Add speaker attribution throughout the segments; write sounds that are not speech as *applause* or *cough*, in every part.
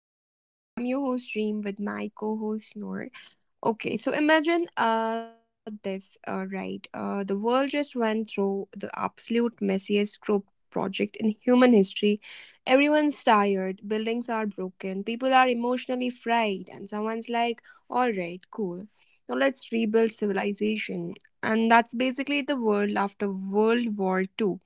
Speaker 1: Theory Talks. I'm your host Dream with my co-host Noor. Okay, so imagine this the world just went through the absolute messiest group project in human history. Everyone's tired, buildings are broken, people are emotionally fried, and someone's like, "All right, cool, now let's rebuild civilization." And that's basically the world after World War Two.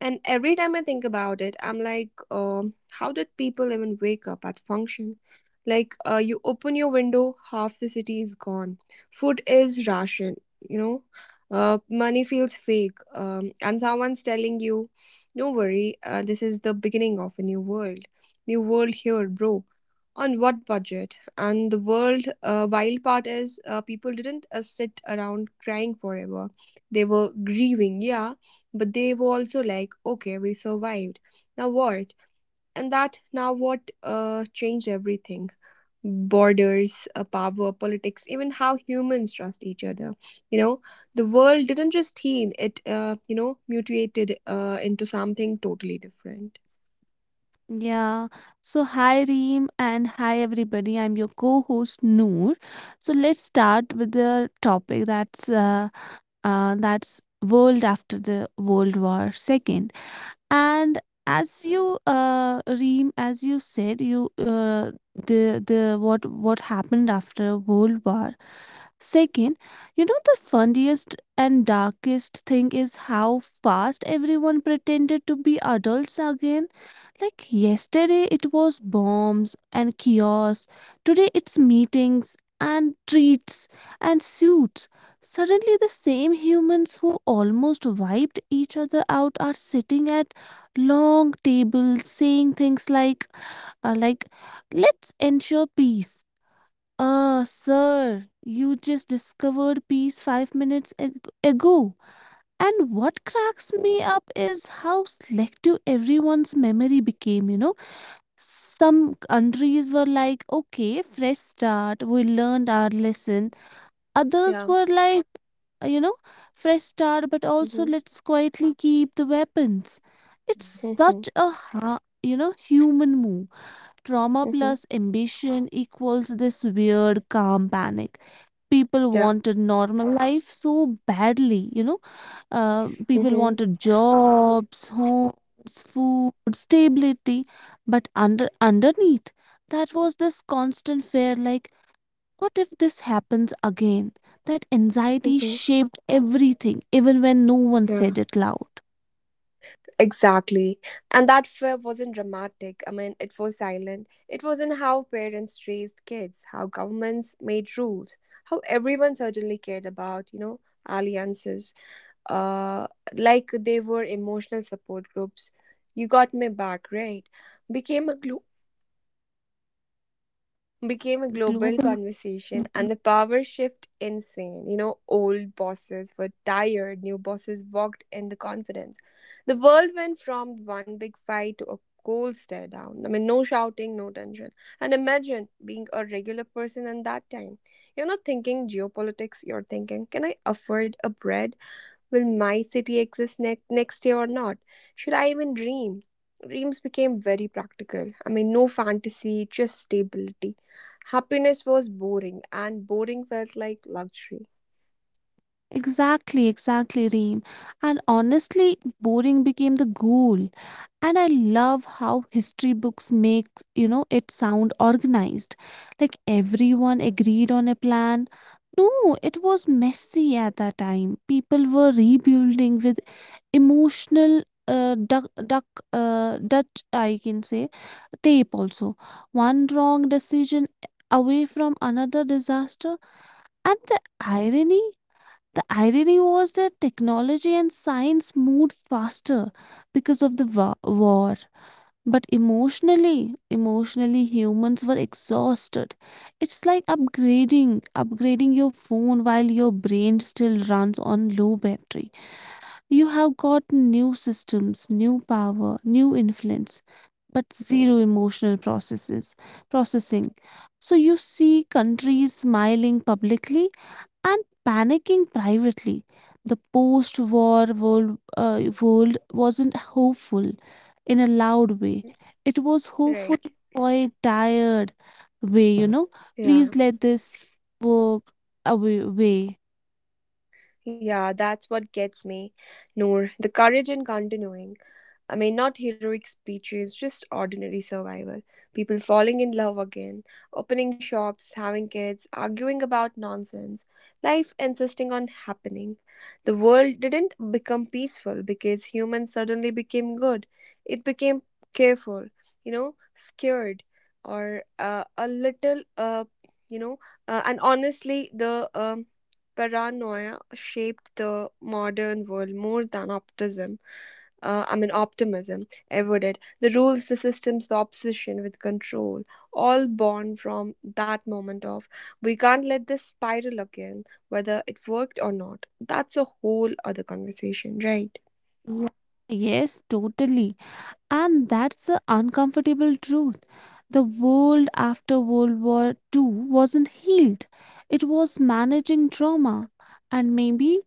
Speaker 1: And every time I think about it, I'm like, how did people even wake up at function? Like, you open your window, half the city is gone. Food is ration, you know. Money feels fake. And someone's telling you, no worry, this is the beginning of a new world. New world here, bro. On what budget? And the world wild part is people didn't sit around crying forever. They were grieving, yeah, but they were also like, okay, we survived. Now what? And that now what changed everything: borders, power, politics, even how humans trust each other. You know, the world didn't just heal, it, mutated into something totally different.
Speaker 2: Yeah. So, hi Reem and hi everybody. I'm your co-host Noor. So, let's start with the topic that's world after the World War Second. And as you Reem, as you said, you the what happened after World War Second, you know, the funniest and darkest thing is how fast everyone pretended to be adults again. Like yesterday, it was bombs and kiosks. Today, it's meetings and treats and suits. Suddenly, the same humans who almost wiped each other out are sitting at long tables saying things like, uh, like, let's ensure peace. Ah, sir, you just discovered peace five minutes ago. And what cracks me up is how selective everyone's memory became, you know. Some countries were like, okay, fresh start, we learned our lesson. Others
Speaker 1: Yeah.
Speaker 2: were like, you know, fresh start, but also
Speaker 1: Mm-hmm.
Speaker 2: let's quietly keep the weapons. It's
Speaker 1: Mm-hmm.
Speaker 2: such you know, human move. Trauma
Speaker 1: Mm-hmm.
Speaker 2: plus ambition equals this weird calm panic. People
Speaker 1: Yeah.
Speaker 2: wanted normal life so badly, you know, people
Speaker 1: Mm-hmm.
Speaker 2: wanted jobs, homes, food, stability, but underneath that was this constant fear, like what if this happens again? That anxiety
Speaker 1: Mm-hmm.
Speaker 2: shaped everything, even when no one
Speaker 1: Yeah.
Speaker 2: said it loud.
Speaker 1: Exactly. And that fear wasn't dramatic. I mean, it was silent. It was in how parents raised kids, how governments made rules, how everyone certainly cared about alliances. Uh, like they were emotional support groups. You got me back, right? Became a glue, became a global
Speaker 2: Global.
Speaker 1: conversation,
Speaker 2: Mhm.
Speaker 1: and the power shift insane. You know, old bosses were tired, new bosses walked in the confidence. The world went from one big fight to a cold stare down. I mean, no shouting, no tension. And imagine being a regular person in that time. You're not thinking geopolitics, you're thinking, can I afford a bread? Will my city exist next year or not? Should I even dream? Dreams became very practical. I mean, no fantasy, just stability. Happiness was boring, and boring felt like luxury.
Speaker 2: Exactly, exactly, Reem. And honestly, boring became the goal. And I love how history books make, you know, it sound organized, like everyone agreed on a plan. No, it was messy. At that time, people were rebuilding with emotional Dutch, I can say, tape also. One wrong decision away from another disaster. And the irony was that technology and science moved faster because of the war, but emotionally humans were exhausted. It's like upgrading your phone while your brain still runs on low battery. You have got new systems, new power, new influence, but zero emotional processing. So you see countries smiling publicly and panicking privately. The post war world, world wasn't hopeful in a loud way,
Speaker 1: Hmm.
Speaker 2: it was hopeful,
Speaker 1: Right.
Speaker 2: quite tired way, you know.
Speaker 1: Yeah.
Speaker 2: Please let this work away. Way.
Speaker 1: Yeah, that's what gets me. Noor, the courage in continuing. I mean, not heroic speeches, just ordinary survival. People falling in love again, opening shops, having kids, arguing about nonsense, life insisting on happening. The world didn't become peaceful because humans suddenly became good. It became careful, scared, or a little, you know, and honestly, the paranoia shaped the modern world more than optimism I mean, optimism, avoided the rules, the systems, the obsession with control, all born from that moment of we can't let this spiral again, whether it worked or not. That's a whole other conversation, right?
Speaker 2: Yeah. Yes, totally. And that's the uncomfortable truth. The world after World War 2 wasn't healed, it was managing trauma. And maybe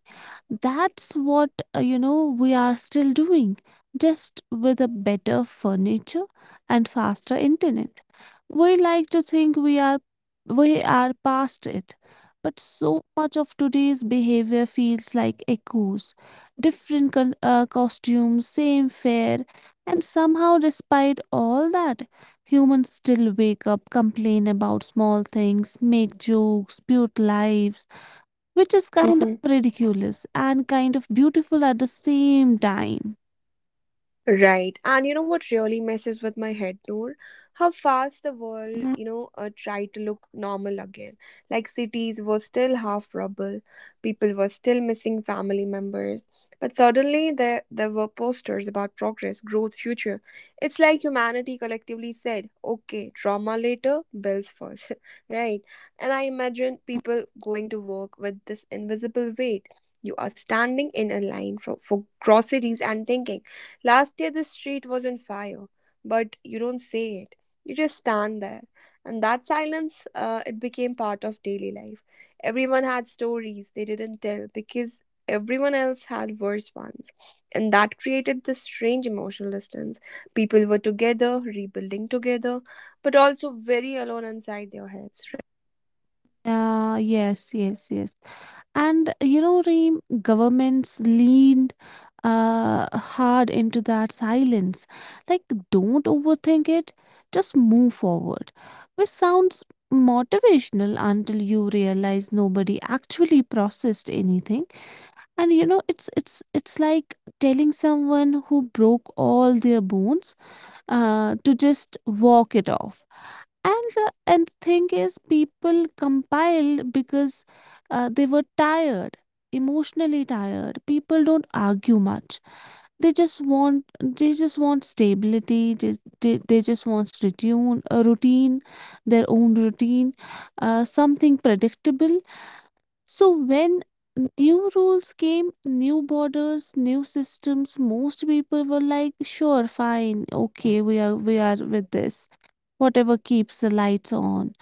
Speaker 2: that's what, you know, we are still doing, just with a better furniture and faster internet. We like to think we are past it, but so much of today's behavior feels like echoes. Different costumes, same fare, and somehow, despite all that, humans still wake up, complain about small things, make jokes, build lives, which is kind of
Speaker 1: Hmm.
Speaker 2: ridiculous and kind of beautiful at the same time.
Speaker 1: Right. And you know what really messes with my head, Noor? How fast the
Speaker 2: Mhm.
Speaker 1: world, tried to look normal again. Like cities were still half rubble, people were still missing family members. But suddenly there were posters about progress, growth, future. It's like humanity collectively said, okay, trauma later, bills first. *laughs* Right. And I imagine people going to work with this invisible weight. You are standing in a line for groceries and thinking. Last year, this street was on fire, but you don't say it. You just stand there. And that silence, it became part of daily life. Everyone had stories they didn't tell because everyone else had worse ones. And that created this strange emotional distance. People were together, rebuilding together, but also very alone inside their heads, right?
Speaker 2: Yeah, yes, yes, yes. And you know, Reem, governments leaned hard into that silence. Like, don't overthink it, just move forward. Which sounds motivational until you realize nobody actually processed anything. And you know, it's like telling someone who broke all their bones to just walk it off. And the and thing is, people compiled because they were tired, emotionally tired. People don't argue much. They just want stability. Just, they just want routine, a routine, their own routine, something predictable. So when new rules came, new borders, new systems, most people were like, "Sure, fine, okay, we are with this." Whatever keeps the lights on,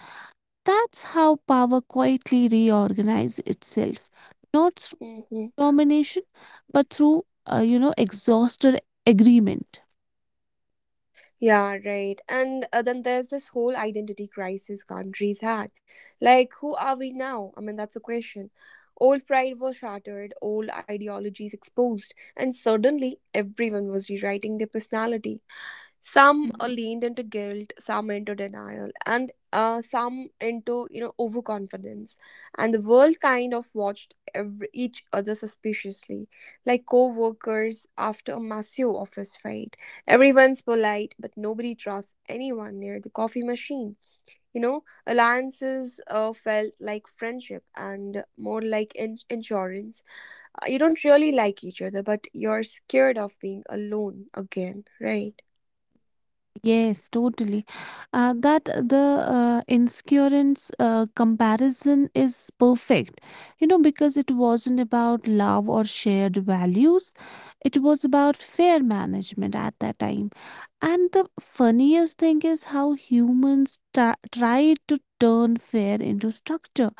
Speaker 2: that's how power quietly reorganizes itself, not through
Speaker 1: Mhm.
Speaker 2: domination, but through, you know, exhausted agreement.
Speaker 1: Yeah, right. And then there's this whole identity crisis countries had. Like, who are we now? I mean, that's a question. Old pride was shattered, old ideologies exposed, and suddenly everyone was rewriting their personality. Some
Speaker 2: Mhm.
Speaker 1: leaned into guilt, some into denial, and some into overconfidence. And the world kind of watched each other suspiciously, like co-workers after a massive office fight. Everyone's polite but nobody trusts anyone near the coffee machine. You know, alliances felt like friendship and more like insurance. You don't really like each other but you're scared of being alone again, right?
Speaker 2: Yes, totally. That the insurance comparison is perfect, you know, because it wasn't about love or shared values. It was about fair management at that time. And the funniest thing is how humans tried to turn fair into structure: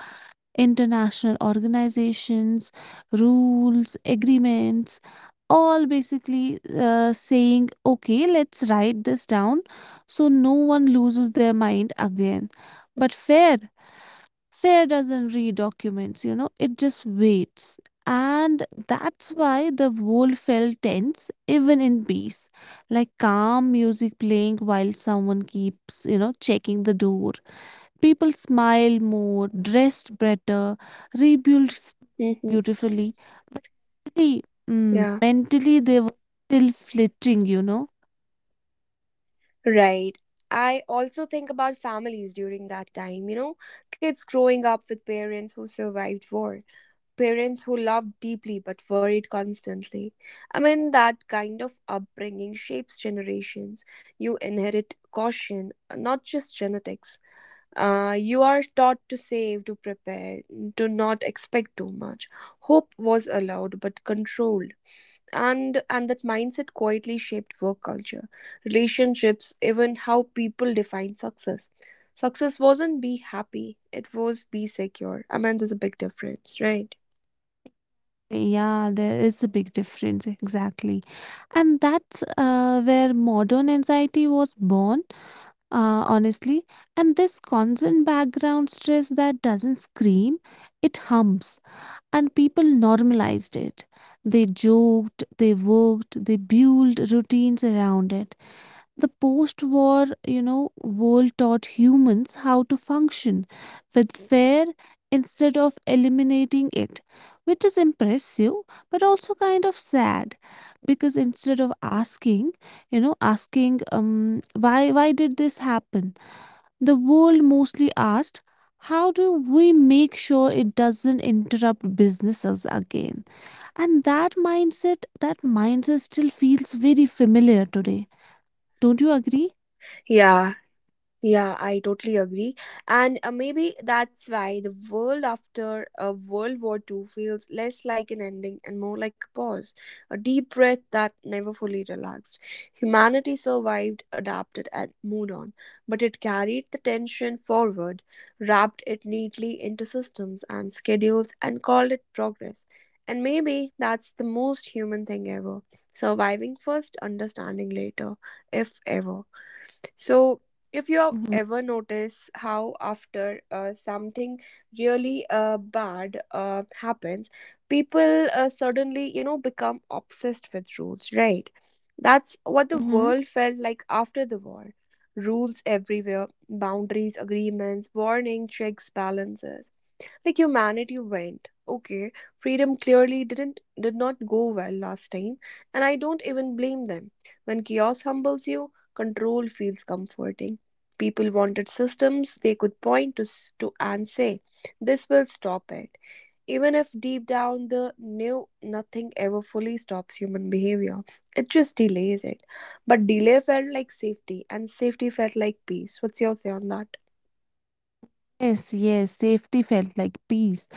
Speaker 2: international organizations, rules, agreements, all basically saying, okay, let's write this down so no one loses their mind again. But fair doesn't read documents, you know, it just waits. And that's why the world felt tense, even in peace. Like calm music playing while someone keeps, you know, checking the door. People smile more, dressed better, rebuilt
Speaker 1: Mm-hmm.
Speaker 2: beautifully. But mentally,
Speaker 1: Yeah,
Speaker 2: mentally they were still flitting, you know.
Speaker 1: right. I also think about families during that time, you know, kids growing up with parents who survived war, parents who loved deeply but worried constantly. I mean, that kind of upbringing shapes generations. You inherit caution, not just genetics. You are taught to save, to prepare, to not expect too much. Hope was allowed but controlled. And that mindset quietly shaped work culture, relationships, even how people define success. Success wasn't be happy, it was be secure. I mean, there's a big difference, right?
Speaker 2: Yeah, there is a big difference, exactly. And that's where modern anxiety was born, honestly. And this constant background stress that doesn't scream, it hums. And people normalized it. They joked, they worked, they built routines around it. The post war, you know, world taught humans how to function with fear instead of eliminating it, which is impressive but also kind of sad, because instead of asking, you know, asking why did this happen, the world mostly asked, how do we make sure it doesn't interrupt businesses again? And that mindset still feels very familiar today. Don't you agree?
Speaker 1: Yeah Yeah, I totally agree. And maybe that's why the world after World War Two feels less like an ending and more like a pause, a deep breath that never fully relaxed. Humanity survived, adapted, and moved on, but it carried the tension forward, wrapped it neatly into systems and schedules, and called it progress. And maybe that's the most human thing ever: surviving first, understanding later, if ever. So, if you have
Speaker 2: Mhm,
Speaker 1: ever noticed how after something really bad uh happens, people suddenly, become obsessed with rules, right? That's what the
Speaker 2: mhm.
Speaker 1: world felt like after the war. Rules everywhere, boundaries, agreements, warning, checks, balances. Like humanity went, okay, freedom clearly did not go well last time. And I don't even blame them. When chaos humbles you, control feels comforting. People wanted systems they could point to and say, this will stop it, even if deep down the knew nothing ever fully stops human behavior, it just delays it. But delay felt like safety, and safety felt like peace. What's your say on that?
Speaker 2: Yes, yes, safety felt like peace.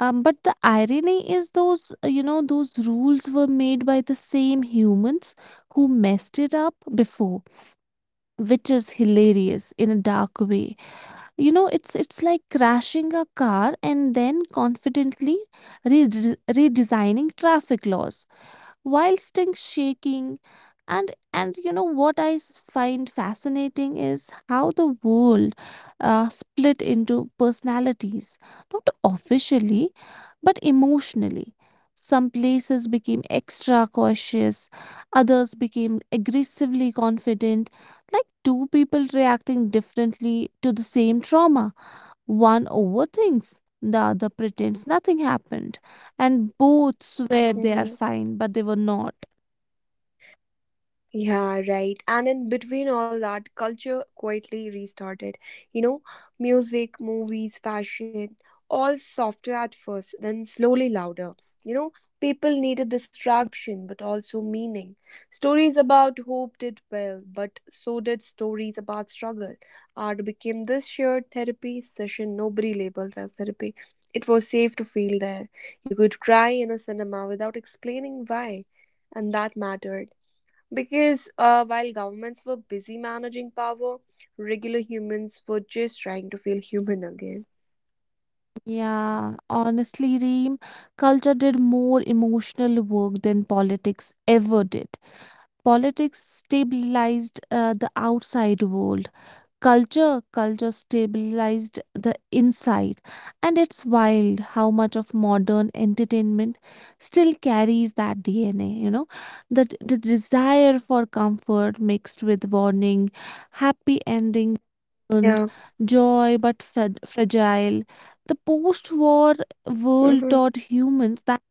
Speaker 2: But the irony is those, you know, those rules were made by the same humans who messed it up before, which is hilarious in a dark way. You know, it's like crashing a car and then confidently re- redesigning traffic laws. Whilst things shaking. And you know what I find fascinating is how the world split into personalities, not officially but emotionally. Some places became extra cautious, others became aggressively confident, like two people reacting differently to the same trauma. One overthinks, the other pretends nothing happened, and both swear they are
Speaker 1: Mm-hmm.
Speaker 2: fine, but they were not.
Speaker 1: Yeah, right. And in between all that, culture quietly restarted. You know, music, movies, fashion, all softer at first, then slowly louder. You know, people needed distraction but also meaning. Stories about hope did well, but so did stories about struggle. Art became this shared therapy session nobody labeled as therapy. It was safe to feel there. You could cry in a cinema without explaining why, and that mattered. Because while governments were busy managing power, regular humans were just trying to feel human again.
Speaker 2: Yeah, honestly, Reem, culture did more emotional work than politics ever did. Politics stabilized the outside world, culture stabilized the inside. And it's wild how much of modern entertainment still carries that DNA, you know, the desire for comfort mixed with warning, happy ending and
Speaker 1: Yeah.
Speaker 2: joy but fragile. The post-war world
Speaker 1: Mm-hmm.
Speaker 2: taught humans that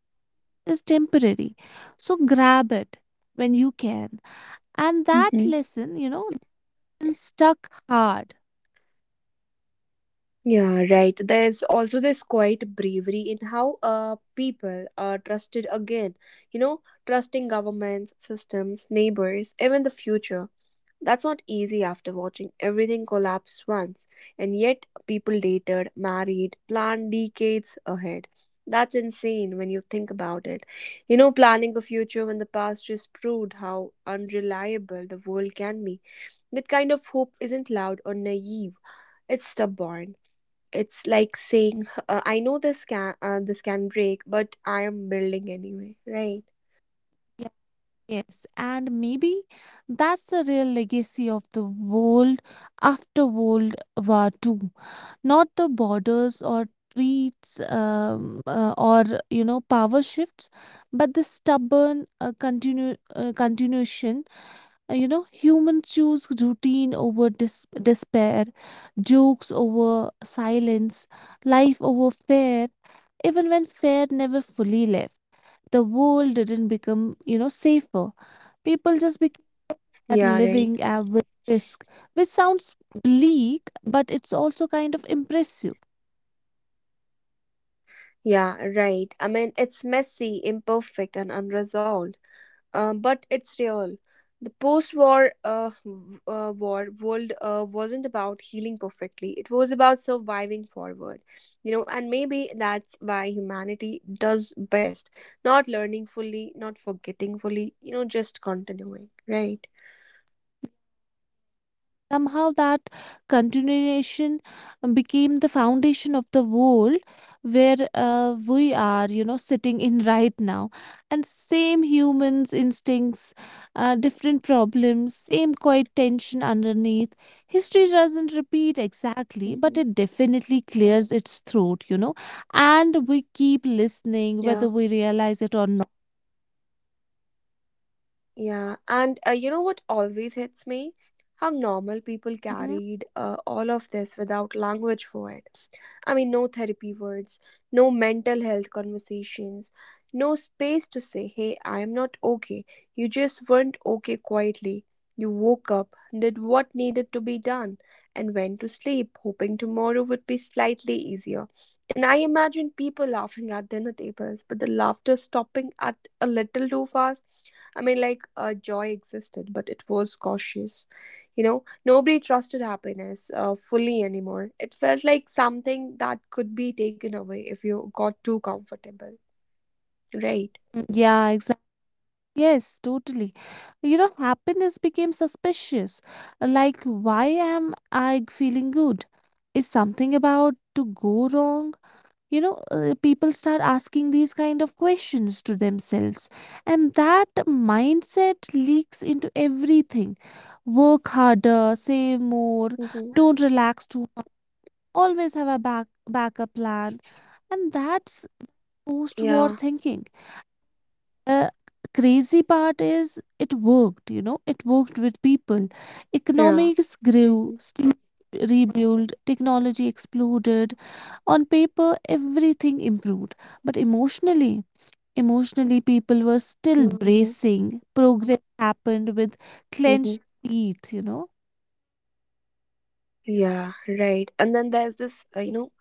Speaker 2: is temporary, so grab it when you can. And that
Speaker 1: Mm-hmm.
Speaker 2: lesson, you know, stuck hard.
Speaker 1: Yeah, right. There's also this quiet bravery in how people are trusted again. You know, trusting governments, systems, neighbors, even the future. That's not easy after watching everything collapse once, and yet people dated, married, planned decades ahead. That's insane when you think about it. You know, planning a future when the past just proved how unreliable the world can be. That kind of hope isn't loud or naive, it's stubborn. It's like saying, "Huh, I know this can break, but I am building anyway, right?
Speaker 2: Yes, and maybe that's the real legacy of the world after World War 2, not the borders or treats or you know power shifts, but the stubborn continuation. You know, humans choose routine over despair, jokes over silence, life over fear, even when fear never fully left. The world didn't become, you know, safer. People just began
Speaker 1: Yeah, right.
Speaker 2: living, with risk, which sounds bleak, but it's also kind of impressive.
Speaker 1: Yeah, right. I mean, it's messy, imperfect, and unresolved. But it's real. The post-war w- war world wasn't about healing perfectly. It was about surviving forward, you know. And maybe that's why humanity does best: not learning fully, not forgetting fully, you know, just continuing, right?
Speaker 2: Somehow that continuation became the foundation of the world where, we are, you know, sitting in right now. And same humans' instincts, different problems, same quiet tension underneath. History doesn't repeat exactly, but
Speaker 1: Hmm.
Speaker 2: it definitely clears its throat, you know. And we keep listening, whether
Speaker 1: Yeah,
Speaker 2: we realize it or not.
Speaker 1: yeah. And you know what always hits me? How normal people
Speaker 2: Mhm.
Speaker 1: carried all of this without language for it. I mean, no therapy words, no mental health conversations, no space to say, hey, I am not okay. You just weren't okay quietly. You woke up, did what needed to be done, and went to sleep, hoping tomorrow would be slightly easier. And I imagine people laughing at dinner tables, but the laughter stopping at a little too fast. I mean, like, joy existed, but it was cautious. You know, nobody trusted happiness fully anymore. It felt like something that could be taken away if you got too comfortable, right?
Speaker 2: Yeah, exactly. Yes, totally. You know, happiness became suspicious. Like, why am I feeling good? Is something about to go wrong? You know, people start asking these kind of questions to themselves, and that mindset leaks into everything. Work harder, save more,
Speaker 1: Mm-hmm.
Speaker 2: don't relax too much, always have a backup plan, and that's post-war
Speaker 1: Yeah,
Speaker 2: thinking. The crazy part is it worked, you know, it worked with people.
Speaker 1: yeah.
Speaker 2: Economics
Speaker 1: Mm-hmm.
Speaker 2: grew, steam rebuilt, technology exploded. On paper, everything improved. But emotionally, emotionally, people were still
Speaker 1: Mm-hmm.
Speaker 2: bracing. Progress happened with clenched
Speaker 1: Mm-hmm.
Speaker 2: teeth, you know.
Speaker 1: Yeah, right. And then there's this, uh, you know,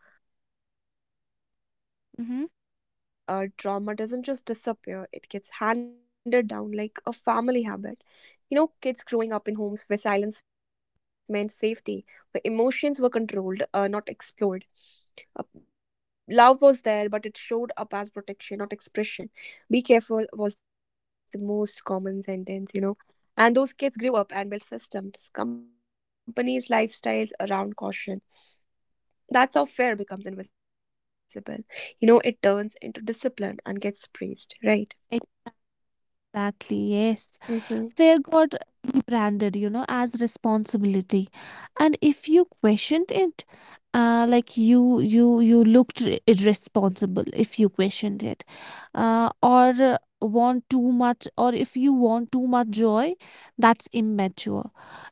Speaker 1: there's this
Speaker 2: Hmm.
Speaker 1: generational thing. Trauma doesn't just disappear, it gets handed down like a family habit. You know, kids growing up in homes where silence meant safety, where emotions were controlled, not explored. Love was there, but it showed up as protection, not expression. Be careful was the most common sentence, you know. And those kids grew up and built systems, companies, lifestyles around caution. That's how fear becomes invisible. You know, it turns into discipline and gets praised, right?
Speaker 2: Exactly, yes. Fear got rebranded, you know,
Speaker 1: Mm-hmm.
Speaker 2: as responsibility. And if you questioned it, like you looked irresponsible if you questioned it, or want too much, or if you want too much joy, that's immature.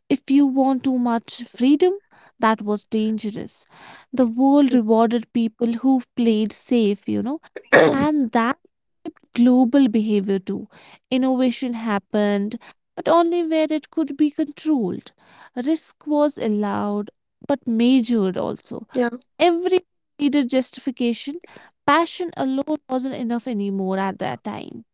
Speaker 2: If you want too much freedom, that was dangerous. The world rewarded people who
Speaker 1: Mm-hmm.
Speaker 2: played safe, you know, and that shaped global behavior too. Innovation happened, but only where it could be controlled. Risk was allowed, but measured also. Every
Speaker 1: Yeah.
Speaker 2: needed justification. Passion alone wasn't enough anymore at that time.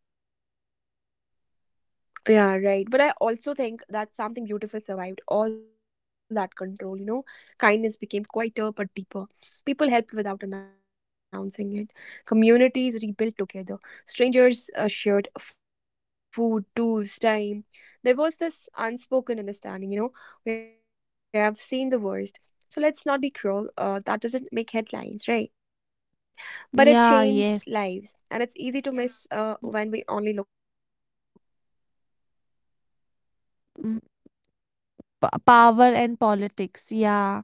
Speaker 1: Yeah, right. But I also think that something beautiful survived all that control, you know. Kindness became quieter but deeper. People helped without announcing it. Communities rebuilt together. Strangers shared food, tools, time. There was this unspoken understanding, you know. We have seen the worst. So let's not be cruel. That doesn't make headlines, right? But it
Speaker 2: Yeah,
Speaker 1: changed
Speaker 2: yes.
Speaker 1: lives, and it's easy to miss when we only look at power and politics, right?
Speaker 2: Mm-hmm. P power and politics, yeah.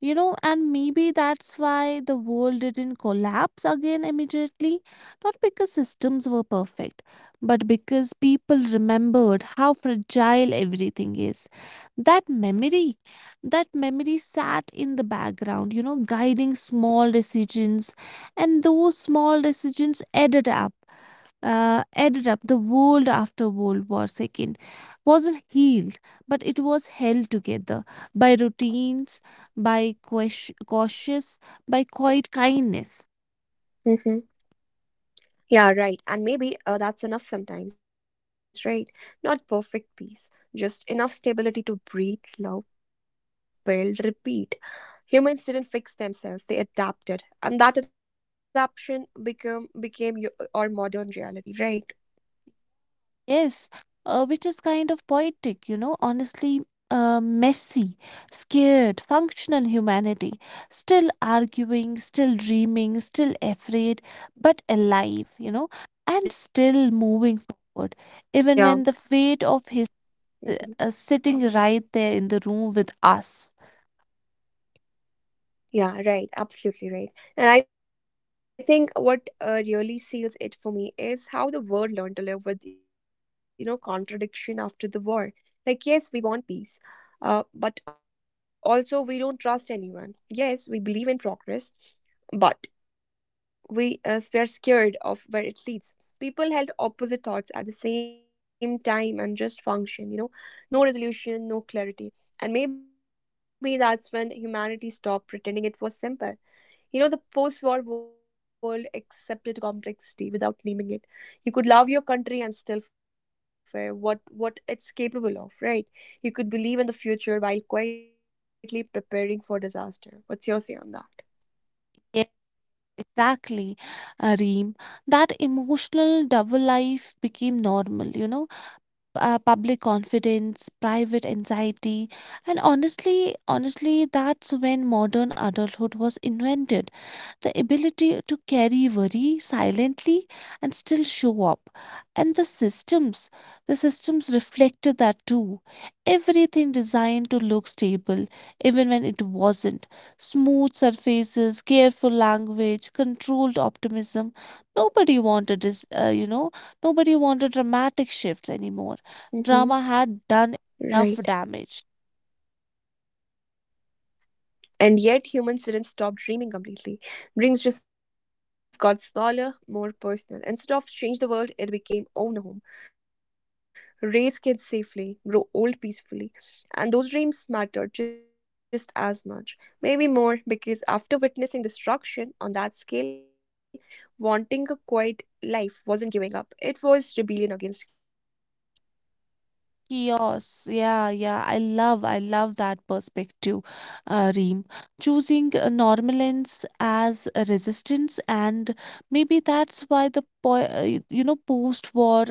Speaker 2: You know, and maybe that's why the world didn't collapse again immediately. Not because systems were perfect, but because people remembered how fragile everything is. That memory, that memory sat in the background, you know, guiding small decisions, and those small decisions added up. The world after World War Second wasn't healed, but it was held together by routines, by cautious, by quiet kindness.
Speaker 1: Mm-hmm. Yeah, right. And maybe that's enough sometimes, right? Not perfect peace, just enough stability to breathe, love, build, repeat. Humans didn't fix themselves; they adapted, and that adaptation become became y- our modern reality, right?
Speaker 2: Yes, which is kind of poetic, you know, honestly. Messy, scared, functional humanity, still arguing, still dreaming, still afraid, but alive, you know, and still moving forward,
Speaker 1: Yeah.
Speaker 2: even when the fate of history
Speaker 1: Mhm.
Speaker 2: sitting right there in the room with us.
Speaker 1: Yeah, right. Absolutely right. And I think what really seals it for me is how the world learned to live with, contradiction after the war. Like, yes, we want peace, but also we don't trust anyone. Yes, we believe in progress, but we were scared of where it leads. People held opposite thoughts at the same time and just function. No resolution, no clarity, and maybe that's when humanity stopped pretending it was simple. You know, the post war world accepted complexity without naming it. You could love your country and still fear what it's capable of, right? You could believe in the future while quietly preparing for disaster. What's your say on that?
Speaker 2: Yeah, exactly, Reem. That emotional double life became normal, you know. Public confidence, private anxiety, and honestly, that's when modern adulthood was invented. The ability to carry worry silently and still show up. And the systems reflected that too. Everything designed to look stable, even when it wasn't. Smooth surfaces, careful language, controlled optimism. Nobody wanted this, you know, nobody wanted dramatic shifts anymore.
Speaker 1: Mm-hmm.
Speaker 2: Drama had done enough
Speaker 1: Right.
Speaker 2: damage.
Speaker 1: And yet, humans didn't stop dreaming completely. Dreams just got smaller, more personal. Instead of change the world, it became own a home, raise kids safely, grow old peacefully. And those dreams mattered just as much, maybe more, because after witnessing destruction on that scale, wanting a quiet life wasn't giving up, it was rebellion against chaos, right?
Speaker 2: Chaos. Yeah, yeah. I love that perspective, Reem. Choosing normalence as a resistance, and maybe that's why the po post-war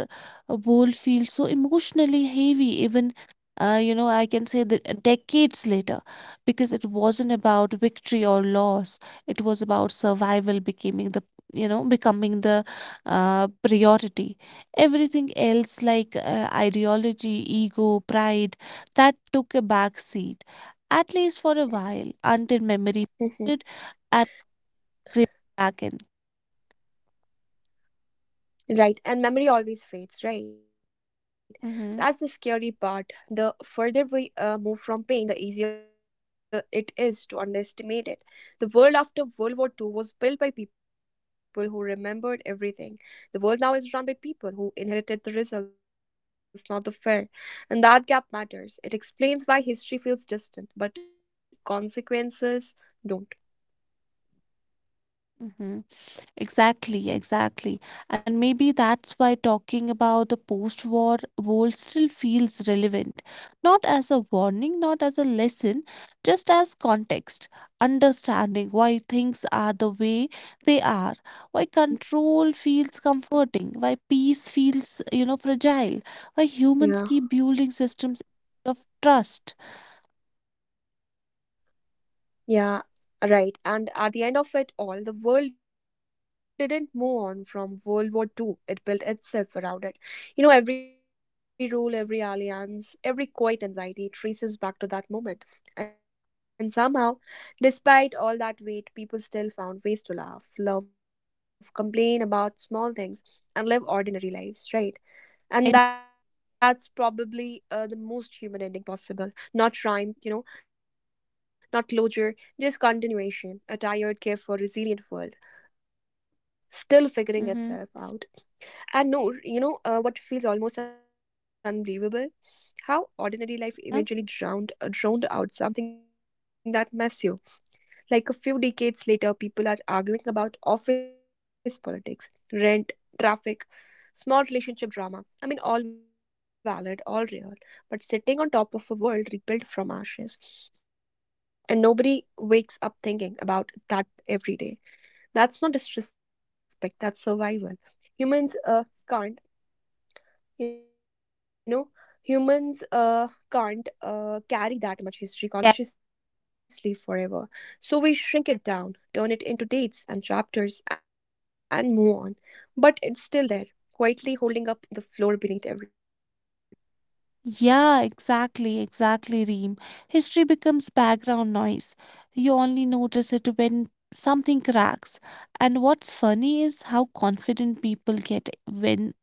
Speaker 2: world feels so emotionally heavy. Even I can say that decades later, because it wasn't about victory or loss. It was about survival becoming the you know becoming the priority. Everything else, like ideology, ego, pride, that took a back seat, at least for a while, until memory
Speaker 1: *laughs*
Speaker 2: faded and crept back in.
Speaker 1: Right, and memory always fades, right? That's the scary part. The further we move from pain, the easier it is to underestimate it. The world after World War Two was built by people who remembered everything. The world now is run by people who inherited the results, not the fear. And that gap matters. It explains why history feels distant, but consequences don't.
Speaker 2: Mm-hmm. Exactly, exactly. And maybe that's why talking about the post-war world still feels relevant, not as a warning, not as a lesson, just as context, understanding why things are the way they are, why control feels comforting,
Speaker 1: Mm-hmm.
Speaker 2: why
Speaker 1: Mm-hmm.
Speaker 2: peace feels, fragile, why
Speaker 1: Yeah.
Speaker 2: humans keep building systems of trust.
Speaker 1: Yeah, right. And at the end of it all, the world didn't move on from World War Two. It built itself around it. You know, every rule, every alliance, every quiet anxiety traces back to that moment. And somehow, despite all that weight, people still found ways to laugh, love, complain about small things, and live ordinary lives, right?
Speaker 2: Exactly.
Speaker 1: And that's probably the most human ending possible, not rhyme, not closure, just continuation, a tired, careful, resilient world still figuring
Speaker 2: Mm-hmm.
Speaker 1: itself out. And no you know what feels almost unbelievable, how ordinary life
Speaker 2: Yeah.
Speaker 1: eventually drowned out something that mess you. Like a few decades later, people are arguing about office politics, rent, traffic, small relationship drama. I mean, all valid, all real, but sitting on top of a world rebuilt from ashes, and nobody wakes up thinking about that every day. That's not disrespect, that's survival. Humans can't you know humans can't carry that much history consciously forever, so we shrink it down, turn it into dates and chapters and move on, but it's still there, quietly holding up the floor beneath everything, right?
Speaker 2: Yeah, exactly, exactly, Reem. History becomes background noise. You only notice it when something cracks. And what's funny is how confident people get when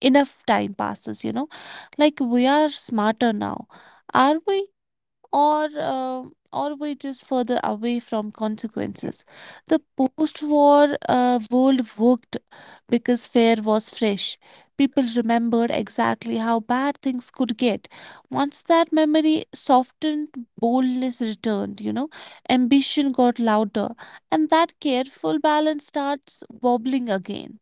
Speaker 2: enough time passes, you know? Like, we are smarter now, are we?
Speaker 1: Yeah.
Speaker 2: Or always just further away from consequences. The post-war world worked because fear was fresh. People remembered exactly how bad things could get. Once that memory softened, boldness returned, you know, ambition got louder, and that careful balance starts wobbling again.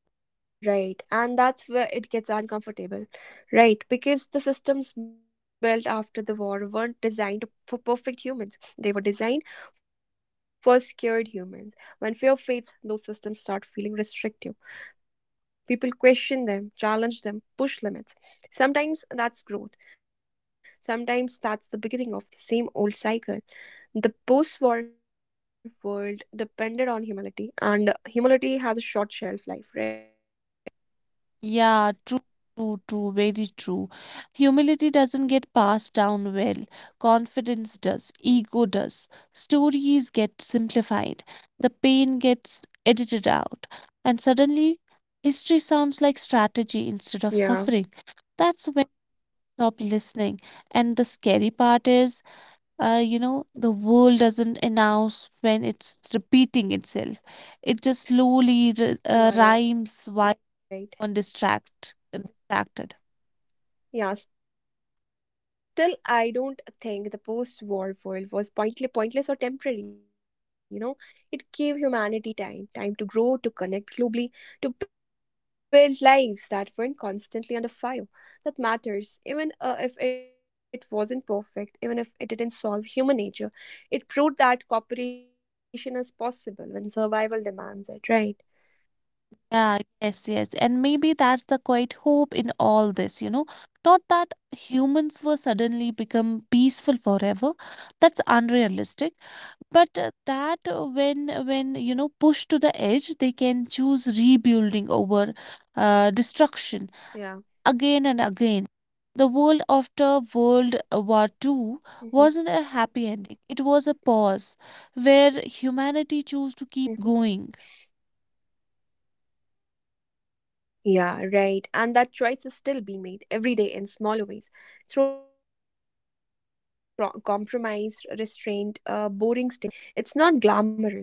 Speaker 1: Yeah, right. And that's where it gets uncomfortable, right? Because the systems built after the war weren't designed for perfect humans, they were designed for scared humans. When fear fades, those systems start feeling restrictive. People question them, challenge them, push limits. Sometimes that's growth, sometimes that's the beginning of the same old cycle. The post war world depended on humility, and humility has a short shelf life, right?
Speaker 2: Yeah, true, true, true, very true. Humility doesn't get passed down well. Confidence does, ego does. Stories get simplified, the pain gets edited out, and suddenly history sounds like strategy instead of suffering. That's when you stop listening.
Speaker 1: Yeah,
Speaker 2: And the scary
Speaker 1: right.
Speaker 2: part is the world doesn't announce when it's repeating itself. It just slowly rhymes while
Speaker 1: Yeah, right.
Speaker 2: one distracted.
Speaker 1: Yeah, still, I don't think the post-war world was pointless or temporary. You know, it gave humanity time, time to grow, to connect globally, to build lives that weren't constantly under fire. That matters, even if it wasn't perfect, even if it didn't solve human nature. It proved that cooperation is possible when survival demands it, right?
Speaker 2: Yeah, yes, yes. And maybe that's the quiet hope in all this, you know. Not that humans were suddenly become peaceful forever. That's unrealistic. But that when pushed to the edge, they can choose rebuilding over destruction again and again.
Speaker 1: Yeah.
Speaker 2: The world after
Speaker 1: Mm-hmm.
Speaker 2: World War 2 wasn't a happy ending. It was a pause
Speaker 1: Mm-hmm.
Speaker 2: where humanity chose to keep going.
Speaker 1: Yeah, right. And that choice is still being made every day in smaller ways through compromise, restraint, boring stability. It's not glamorous, but it's human. And maybe that's enough, right?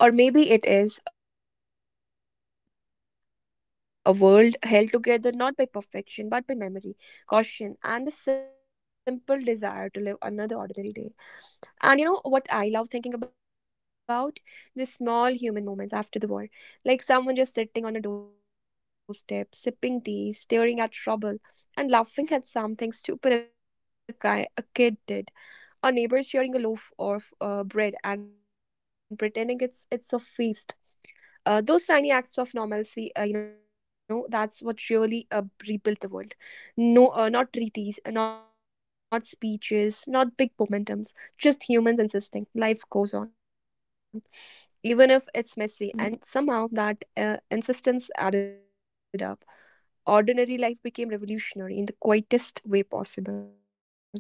Speaker 1: Or maybe it is a world held together not by perfection, but by memory, caution, and the simple desire to live another ordinary day. And you know what I love thinking about? The small human moments after the war. Like someone just sitting on a doorstep, sipping tea, staring at rubble, and laughing at something stupid a kid did. Or neighbors sharing a loaf of bread and pretending it's a feast. Those tiny acts of normalcy, that's what really rebuilt the world. No, not treaties, not speeches, not big momentums, just humans insisting life goes on, even if it's messy. And somehow that insistence added up. Ordinary life became revolutionary in the quietest way possible.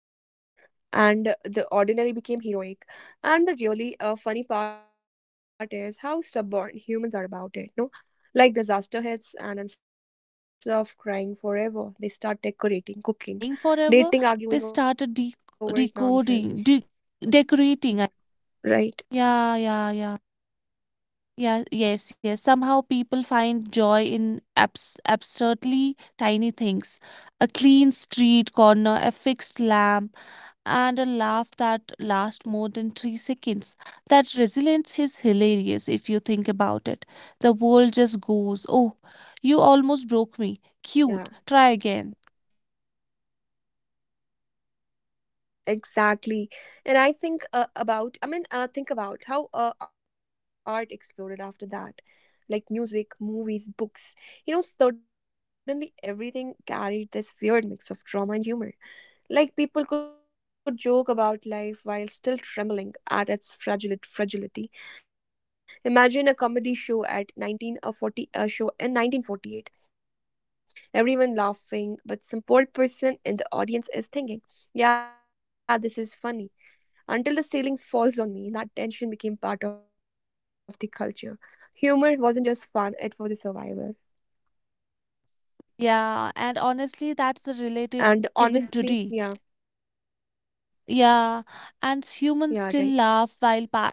Speaker 2: Yeah.
Speaker 1: And the
Speaker 2: Yeah,
Speaker 1: ordinary
Speaker 2: yeah,
Speaker 1: became
Speaker 2: yeah, yeah. The
Speaker 1: heroic.
Speaker 2: ordinary
Speaker 1: And the
Speaker 2: became
Speaker 1: really
Speaker 2: heroic.
Speaker 1: funny
Speaker 2: And
Speaker 1: part
Speaker 2: the
Speaker 1: is
Speaker 2: real
Speaker 1: how
Speaker 2: funny
Speaker 1: stubborn
Speaker 2: part is
Speaker 1: humans
Speaker 2: how
Speaker 1: are about
Speaker 2: stubborn
Speaker 1: it. No,
Speaker 2: humans are
Speaker 1: like
Speaker 2: about it.
Speaker 1: disaster
Speaker 2: Like
Speaker 1: hits and instead
Speaker 2: disaster
Speaker 1: of crying
Speaker 2: hits, and
Speaker 1: forever they
Speaker 2: instead of
Speaker 1: start decorating,
Speaker 2: crying
Speaker 1: cooking,
Speaker 2: forever, they
Speaker 1: dating,
Speaker 2: started de
Speaker 1: arguing over
Speaker 2: decoding,
Speaker 1: nonsense,
Speaker 2: de decorating. I- Yeah, yeah,
Speaker 1: right?
Speaker 2: yeah. Yeah, yes, yes. Somehow people find joy in absurdly tiny things. A clean street corner, a fixed lamp and a laugh that lasts more than three seconds. That resilience is hilarious if you think about it. The world just goes, "Oh, you almost broke me. Cute. Try again."
Speaker 1: Yeah. Yeah. Exactly. And I think think about how art exploded after that. Like music, movies, books. You know, suddenly everything carried this weird mix of drama and humor. Like people could joke about life while still trembling at its fragile fragility. Imagine a comedy show at 19 a 40 a show in 1948. Everyone laughing, but some poor person in the audience is thinking, "Yeah, this is funny. Until the ceiling falls on me." That tension became part of the culture. Humor wasn't just fun; it was a survival.
Speaker 2: Yeah, and honestly, that's the relatable even
Speaker 1: And
Speaker 2: today.
Speaker 1: honestly, yeah,
Speaker 2: Yeah, and humans still
Speaker 1: yeah,
Speaker 2: laugh
Speaker 1: right.
Speaker 2: while pa-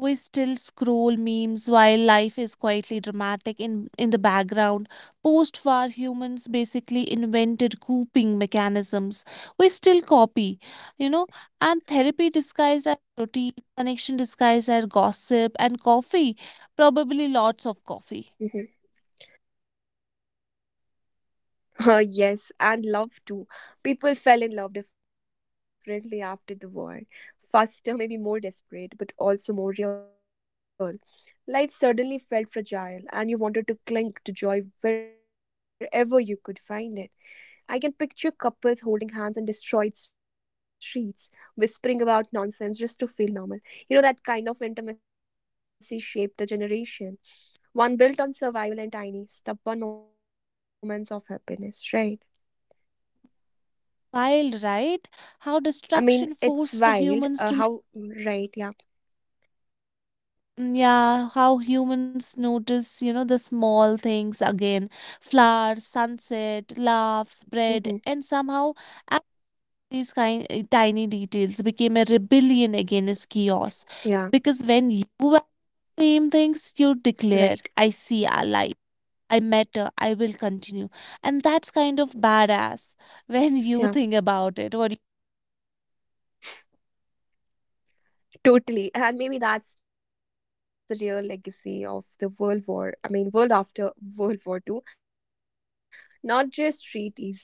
Speaker 2: We still scroll memes while life is quietly dramatic in the background. Post war humans basically invented coping mechanisms. We still copy, you know, and therapy disguised as
Speaker 1: Mm-hmm.
Speaker 2: routine, connection disguised as gossip, and coffee, probably lots of coffee.
Speaker 1: Mm-hmm. *laughs* Yes, and love too. People fell in love differently after the war. Faster, maybe more desperate, but also more real. Life suddenly felt fragile, and you wanted to cling to joy wherever you could find it. I can picture couples holding hands in destroyed streets, whispering about nonsense just to feel normal. You know, that kind of intimacy shaped a generation. One built on survival and tiny, stubborn moments of happiness, right?
Speaker 2: Wild, right? How
Speaker 1: I mean,
Speaker 2: destruction
Speaker 1: it's
Speaker 2: forced
Speaker 1: wild.
Speaker 2: humans to
Speaker 1: How, mm, right? Yeah.
Speaker 2: mm, yeah, how humans notice, you know, the small things again, flowers, sunset, laughs, bread, and
Speaker 1: Mm-hmm.
Speaker 2: somehow act these kind tiny details became a rebellion against chaos. Because when you
Speaker 1: Yeah.
Speaker 2: value the same things, you declare,
Speaker 1: Right.
Speaker 2: I see a light, I matter, I will continue. And that's kind of badass when you think about
Speaker 1: Yeah.
Speaker 2: it. What do
Speaker 1: Totally. And maybe that's the real legacy of the world after World War Two, not just treaties,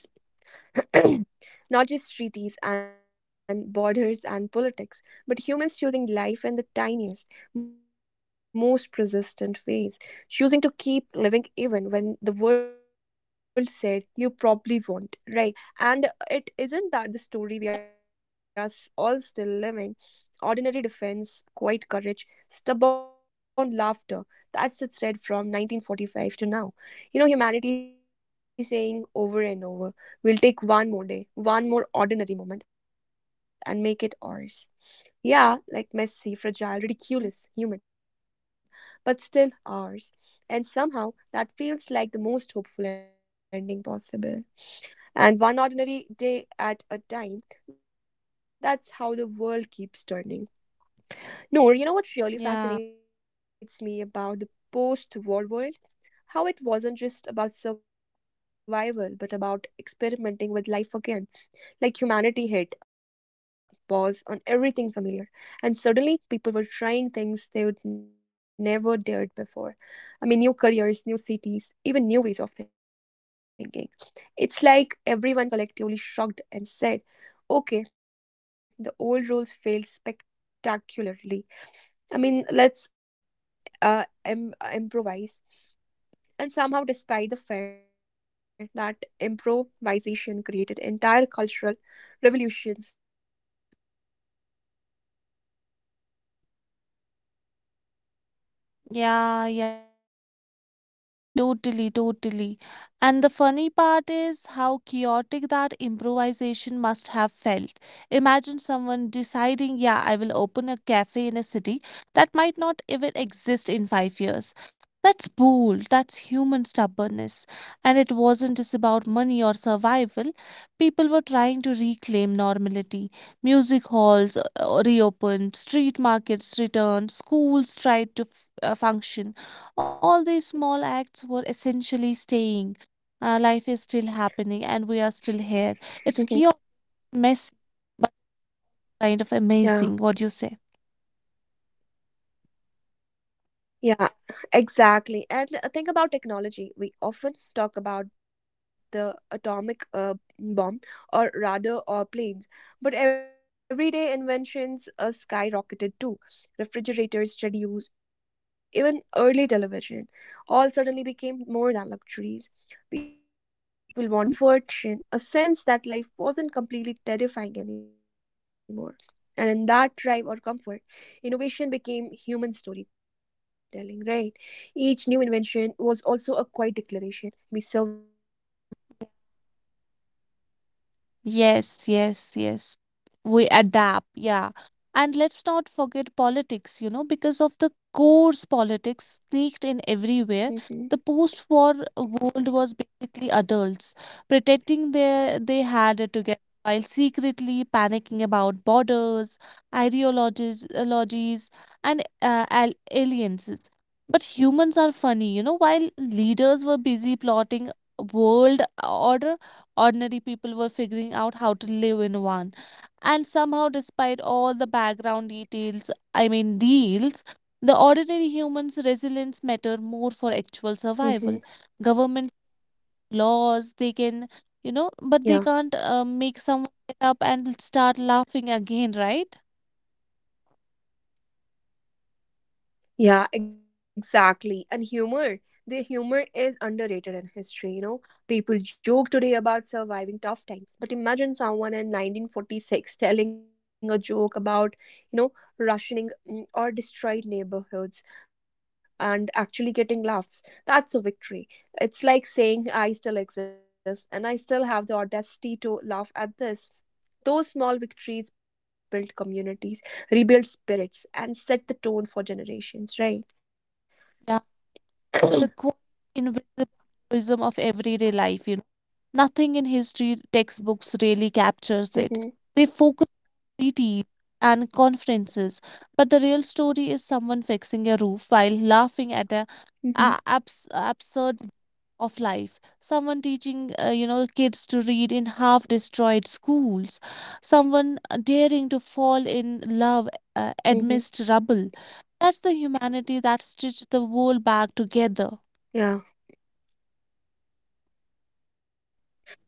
Speaker 1: not just treaties and borders and politics, but humans choosing life in the tiniest, most persistent ways, choosing to keep living even when the world said you probably won't, right? And it isn't that the story we all still living? Ordinary defense, quiet courage, stubborn laughter. That's the thread from 1945 to now. You know, humanity saying over and over, we'll take one more day, one more ordinary moment, and make it ours. Yeah, like messy,
Speaker 2: you,
Speaker 1: fragile, ridiculous, human, but still ours. And somehow that feels like the most hopeful ending possible. And one ordinary day at a time, that's how the world keeps turning. Noor, you know what
Speaker 2: yeah.
Speaker 1: really fascinates me about the post war world? How it wasn't just about survival, but about experimenting with life again. Like humanity hit a pause on everything familiar, and suddenly people were trying things they would never dared before. I mean, new careers, new cities, even new ways of thinking. It's like everyone collectively shrugged and said, okay, the old rules failed spectacularly. I mean, let's improvise. And somehow, despite the fact that improvisation created entire cultural revolutions, we still benefit from today. Do you agree on that?
Speaker 2: Yeah, yeah, yeah. Totally, totally, totally. And the funny part is how chaotic that improvisation must have felt. Imagine someone deciding, yeah, I will open a cafe in a city that might not even exist in five years. That's bold, that's human stubbornness. And it wasn't just about money or survival, people were trying to reclaim normality. Music halls reopened, street markets returned, schools tried to function. All these small acts were essentially staying. Life is still happening and we are still here. It's
Speaker 1: Hmm.
Speaker 2: chaotic, messy, but kind of
Speaker 1: Yeah.
Speaker 2: amazing. What do you say?
Speaker 1: Yeah, exactly. And think about technology. We often talk about the atomic bomb or radar or planes, but everyday inventions skyrocketed too. Refrigerators, radios, even early television all suddenly became more than luxuries. People wanted comfort, connection, a sense that life wasn't completely terrifying anymore. And in that drive or comfort, innovation became human storytelling, right? Each new invention was also a quiet declaration. We survived, we exist, we adapt, right?
Speaker 2: Yes, yes, yes. We adapt, yeah. And let's not forget politics, you know, because of the coarse politics sneaked in everywhere.
Speaker 1: Mm-hmm.
Speaker 2: The post-war world was basically adults pretending they had it together while secretly panicking about borders, ideologies, and al alliances. But humans are funny, you know, while leaders were busy plotting world order. Ordinary people were figuring out how to live in one. And somehow, despite all the background deals, the ordinary human's resilience matter more for actual survival.
Speaker 1: Mm-hmm.
Speaker 2: Government laws, they can, you know, but they can't
Speaker 1: Yeah.
Speaker 2: make someone get up and start laughing again, right?
Speaker 1: Yeah, exactly. And humor. The humor is underrated in history, you know. People joke today about surviving tough times, but imagine someone in 1946 telling a joke about, you know, rationing, mm, or destroyed neighborhoods and actually getting laughs. That's a victory. It's like saying I still exist and I still have the audacity to laugh at this. Those small victories build communities, rebuild spirits, and set the tone for generations, right?
Speaker 2: Yeah. The quiet, invisible heroism of everyday life, you know. Nothing in history textbooks really captures it. They
Speaker 1: Mm-hmm.
Speaker 2: focus on treaties and conferences, but the real story is someone fixing a roof while laughing at
Speaker 1: Mm-hmm.
Speaker 2: absurd of life. Someone teaching, kids to read in half-destroyed schools. Someone daring to fall in love amidst
Speaker 1: Mm-hmm.
Speaker 2: rubble. That's the humanity that stitched the world back together.
Speaker 1: Yeah.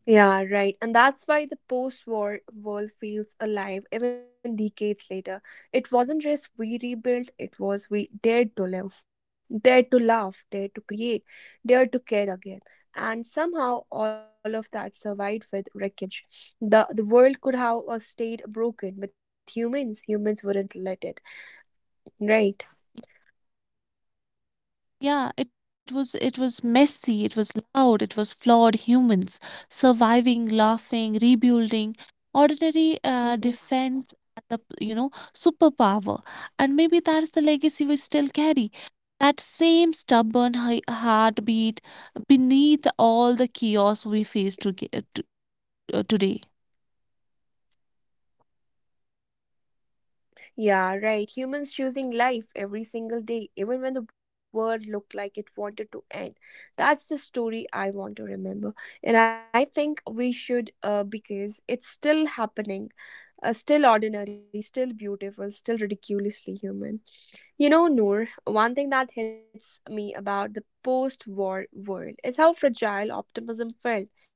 Speaker 1: Yeah, right. And that's why the post war world feels alive even decades later. It wasn't just we rebuilt, it was we dared to live, dared to laugh, dared to create, dared to care again. And somehow all of that survived with wreckage. The world could have stayed broken, but humans wouldn't let it. Right.
Speaker 2: Yeah, it was messy, it was loud, it was flawed humans surviving, laughing, rebuilding. Ordinary
Speaker 1: Mhm.
Speaker 2: defense as a, you know, superpower. And maybe that's the legacy we still carry. That same stubborn heartbeat beneath all the chaos we face to get, today.
Speaker 1: Yeah, right. Humans choosing life every single day, even when the world looked like it wanted to end. That's the story I want to remember. And I think we should, because it's still happening, still ordinary, still beautiful, still ridiculously human. You know, Noor, one thing that hits me about the post war world is how fragile optimism felt.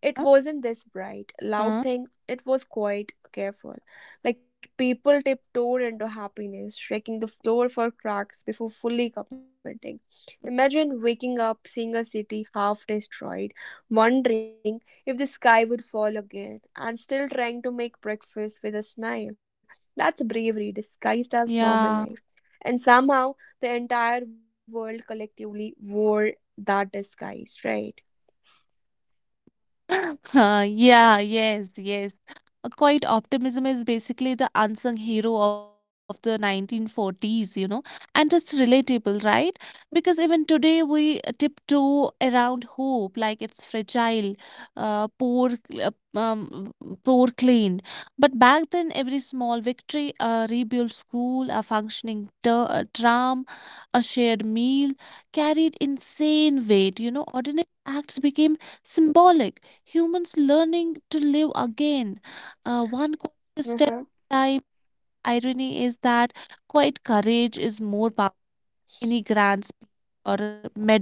Speaker 1: It
Speaker 2: Huh?
Speaker 1: wasn't this bright,
Speaker 2: Huh?
Speaker 1: loud thing. It was quite careful. Like people tiptoed into happiness, shaking the floor for cracks before fully commenting. Imagine waking up, seeing a city half destroyed, wondering if the sky would fall again, and still trying to make breakfast with a smile. That's bravery disguised as
Speaker 2: Yeah.
Speaker 1: normal life. And somehow the entire world collectively wore that disguise, right?
Speaker 2: *laughs* Huh, yeah, yes, yes. A quiet optimism is basically the unsung hero of the 1940s, you know, and it's relatable, right? Because even today we tiptoe around hope like it's fragile, uh, poor, uh, um, poor clean. But back then, every small victory, a rebuilt school, a functioning tram, a shared meal carried insane weight. You know, ordinary acts became symbolic. Humans learning to live again, one conscious step at a time. Irony is that quite courage is more powerful than any grand speech or medal.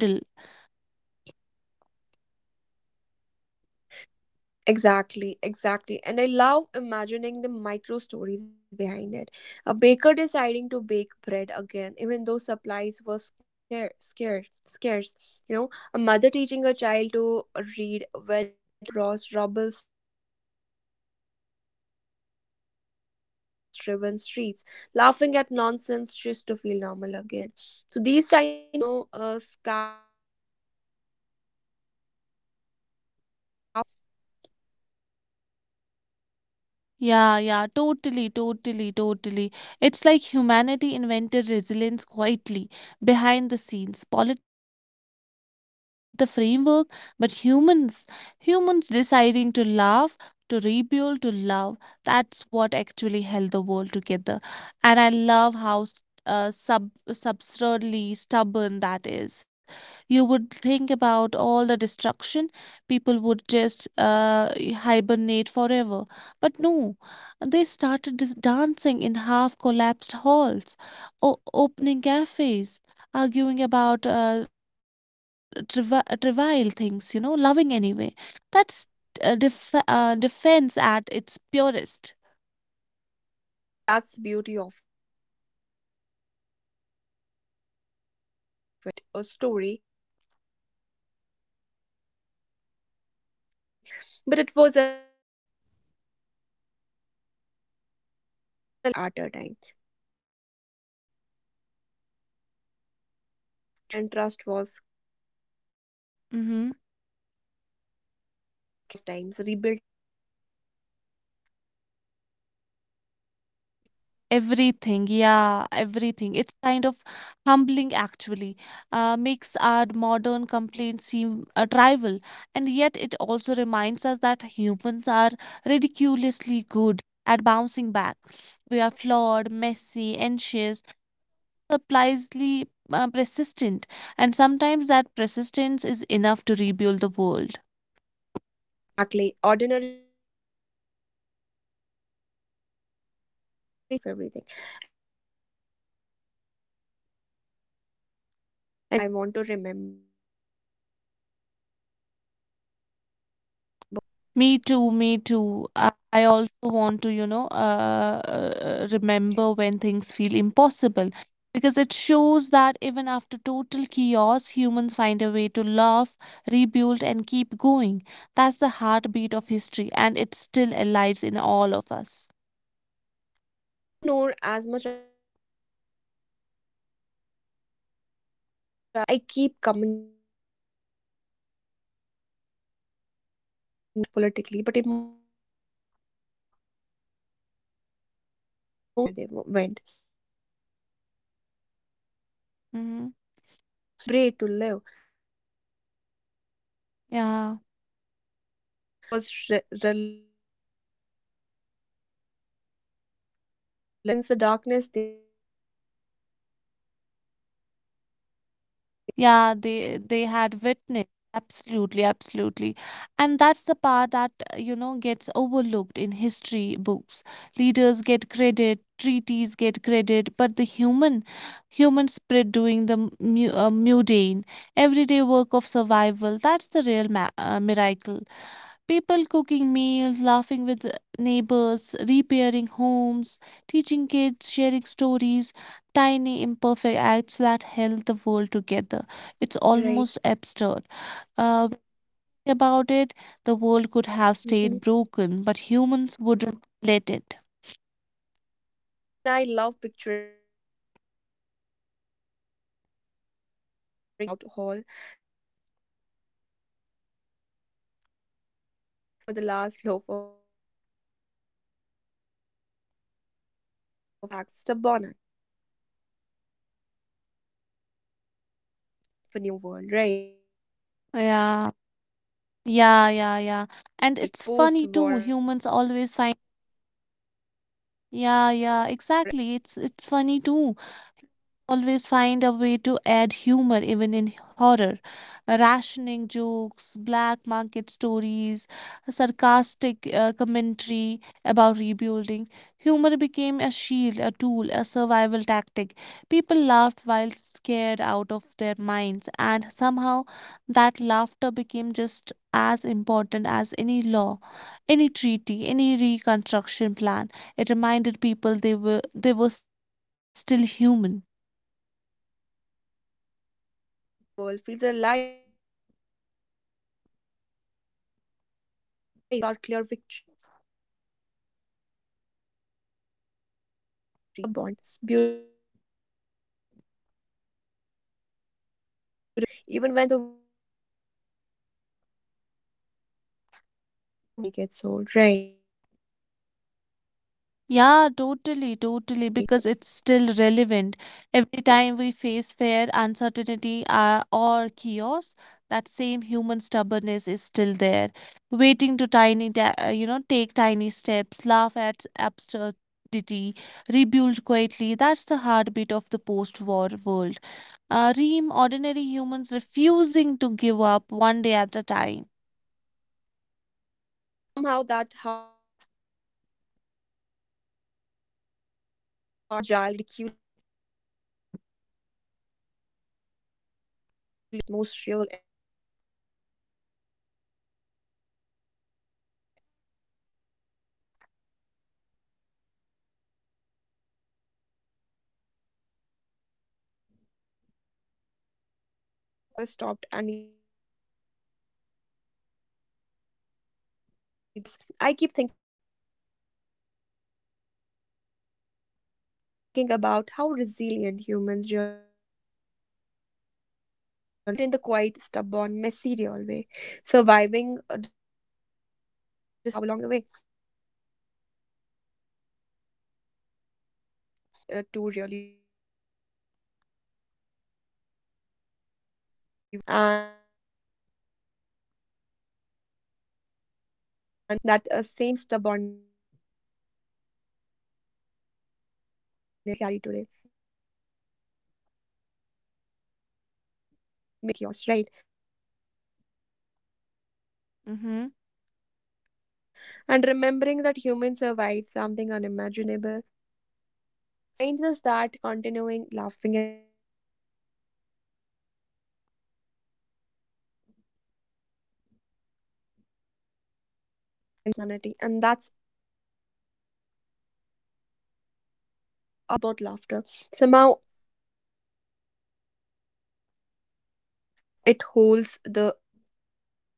Speaker 1: Exactly, exactly. And I love imagining the micro stories behind it. A baker deciding to bake bread again, even though supplies were scarce. You know, a mother teaching her child to read when her own world had been torn apart. People holding hands across rubble-striven streets, laughing at nonsense just to feel normal again. So these tiny moments, invisible in history books, were the you know scarf scaffolding for everything, the world would become, right.
Speaker 2: Yeah, yeah, totally, totally, totally. It's like humanity invented resilience quietly behind the scenes. Politics and treaties can set the framework, but humans deciding to love, to rebuild, to love, that's what actually held the world together. And I love how s- sub absurdly stubborn that is. You would think about all the destruction, people would just hibernate forever. But no. They started dancing in half collapsed halls, opening cafes, arguing about
Speaker 1: Yeah,
Speaker 2: trivial things, you know, loving anyway. That's defense at its purest.
Speaker 1: exactly. And maybe that's the beauty of it. The World War, the world after World War 2 wasn't a perfect story. It was messy and she's slow, sometimes even terrifying. But it was alive. You know, ordinary people choosing life, one tiny act at a time. Choosing joy even when it felt risky. Choosing connection even when trust was scared. Scarce. That choice repeated millions of times rebuilt everything, right?
Speaker 2: Everything, yeah, everything. It's kind of humbling actually. Makes our modern complaints seem trivial, and
Speaker 1: Yeah,
Speaker 2: yet it also reminds us that humans are ridiculously good at bouncing back. We are flawed, messy, anxious, surprisingly persistent, and sometimes that persistence is enough to rebuild the world.
Speaker 1: yeah, exactly. Ordinary stubborn humans choosing life, humor, and love in spite of everything. And somehow that choice echoes even today. That's the story I want to remember when things feel impossible. What's your say?
Speaker 2: Me too, me too. I also
Speaker 1: Mm-hmm.
Speaker 2: want to, remember when things feel impossible because it
Speaker 1: Mm-hmm.
Speaker 2: shows that even after total chaos, humans find a way to laugh, rebuild, and keep going. That's the
Speaker 1: Mm-hmm.
Speaker 2: heartbeat of history, and it's still alive in all of us.
Speaker 1: Yeah, and you know, Noor, as much as the post war world is about rebuilding cities and governments, I keep coming back to how humans rebuild themselves. I mean, not physically, not politically, but emotionally. People carried trauma, fear, and grief everywhere they went. Yet somehow they found a way to love,
Speaker 2: Mhm.
Speaker 1: to argue, to celebrate, to live. That resilience wasn't flashy, it
Speaker 2: Yeah.
Speaker 1: wasn't grand, but it was relentless. Ordinary life became an act of rebellion against the darkness they had witnessed, right?
Speaker 2: Yeah, they had witnessed. Absolutely,
Speaker 1: Hmm.
Speaker 2: absolutely. And that's the part that, gets overlooked in history books. Leaders get credit, treaties get credit, but the human spirit doing the mundane, everyday work of survival, that's the real ma miracle.
Speaker 1: Yeah.
Speaker 2: People cooking meals, laughing with neighbors, repairing homes, teaching kids, sharing
Speaker 1: Hmm.
Speaker 2: stories, tiny
Speaker 1: Yeah,
Speaker 2: imperfect acts that held the world together. It's almost
Speaker 1: right.
Speaker 2: absurd. Think about it, the world could have
Speaker 1: Hmm.
Speaker 2: stayed broken, but humans wouldn't let it.
Speaker 1: Exactly. And I love picturing those small personal rebellions. You know, someone dancing in a bloomed out hall, kids playing hide and seek among ruins, neighbors arguing over the last loaf of bread but still sharing it, you know, ordinary acts, ridiculous acts, stubborn acts. Yet those tiny threads wove the fabric of a new world, right? That's
Speaker 2: Yeah,
Speaker 1: the quiet
Speaker 2: yeah, yeah, yeah.
Speaker 1: heroism of the
Speaker 2: And it's funny
Speaker 1: post
Speaker 2: too.
Speaker 1: war
Speaker 2: Humans
Speaker 1: era.
Speaker 2: always find.
Speaker 1: Hmm.
Speaker 2: Yeah, yeah, exactly. It's funny too always find a way to add humor even in horror. Rationing
Speaker 1: Yeah.
Speaker 2: jokes, black market stories, sarcastic commentary about rebuilding. Humor became a shield, a tool, a survival tactic. People laughed while scared out of their minds, and somehow that laughter became just as important as any law, any treaty, any reconstruction plan. It reminded people they were still human.
Speaker 1: Yeah, and that's why the post-war world feels alive when you really think about it. You know, it wasn't about perfection, it wasn't about clear victories, it was about ordinary humans choosing life in small, stubborn, beautiful ways. Choosing connection, choosing laughter, choosing love, even when the world said maybe you shouldn't. And that's a story that never really gets old, right?
Speaker 2: Yeah, totally, totally, because it's still relevant. Every time we face fear, uncertainty, or chaos, that same human stubbornness is still there, waiting to tiny,
Speaker 1: Mm-hmm.
Speaker 2: ta- you know, take tiny steps, laugh at absurdity, rebuild quietly. That's the heartbeat of the post-war world. Reem, ordinary humans refusing to give up one day at a time.
Speaker 1: Yeah, and somehow that heartbeat still, you know, pulses beneath everything. Messy, fragile, ridiculous, human, but alive. And honestly, that's the warmest, most real ending I can imagine. Do you agree? And here's to ordinary defines, you know, quiet courage and continuing anyway, because the world never stopped, and neither do we. You know, Noor, after talking all this, I keep thinking about how resilient humans really are. Not in the heroic movie kind of way, but in the quiet, stubborn, messy real way. Surviving destruction, rebuilding cities, and somehow finding laughter and love along the way. That's what the World War after World War II really was. Ordinary humans choosing life again and again. And what gets me is how relevant it still feels. That same stubbornness, that quiet defiance, is something we all carry today. Maybe we don't live among rubble, but life has its own chaos, right?
Speaker 2: Mhm,
Speaker 1: And remembering that humans survived something unimaginable, well, it's comforting, isn't it? It reminds us that continuing, laughing, and building, even imperfectly, is enough. I mean, yeah, it's messy, fragile, ridiculous, but alive. That's history, that's humanity, and that's us too. Ordinary defines quiet courage, stubborn laughter. Somehow it holds the world together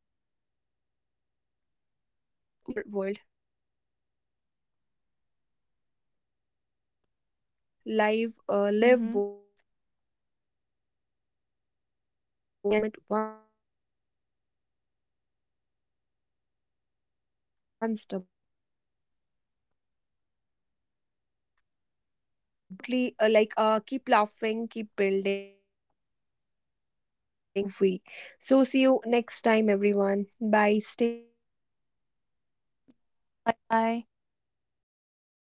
Speaker 1: and somehow it keeps us going too. So let's just take a page from the post war world. Live
Speaker 2: mhm.
Speaker 1: boldly in the ordinary, laugh when it hurts, care when it's risky, and keep choosing life. You know, one small step, one tiny moment, heartbeat at a time. So, absolutely, keep laughing, keep building, keep living because the world moves forward and so do we. So, see you next time, everyone. Bye. Stay
Speaker 2: Bye-bye.
Speaker 1: stubbornly alive. This was your host stream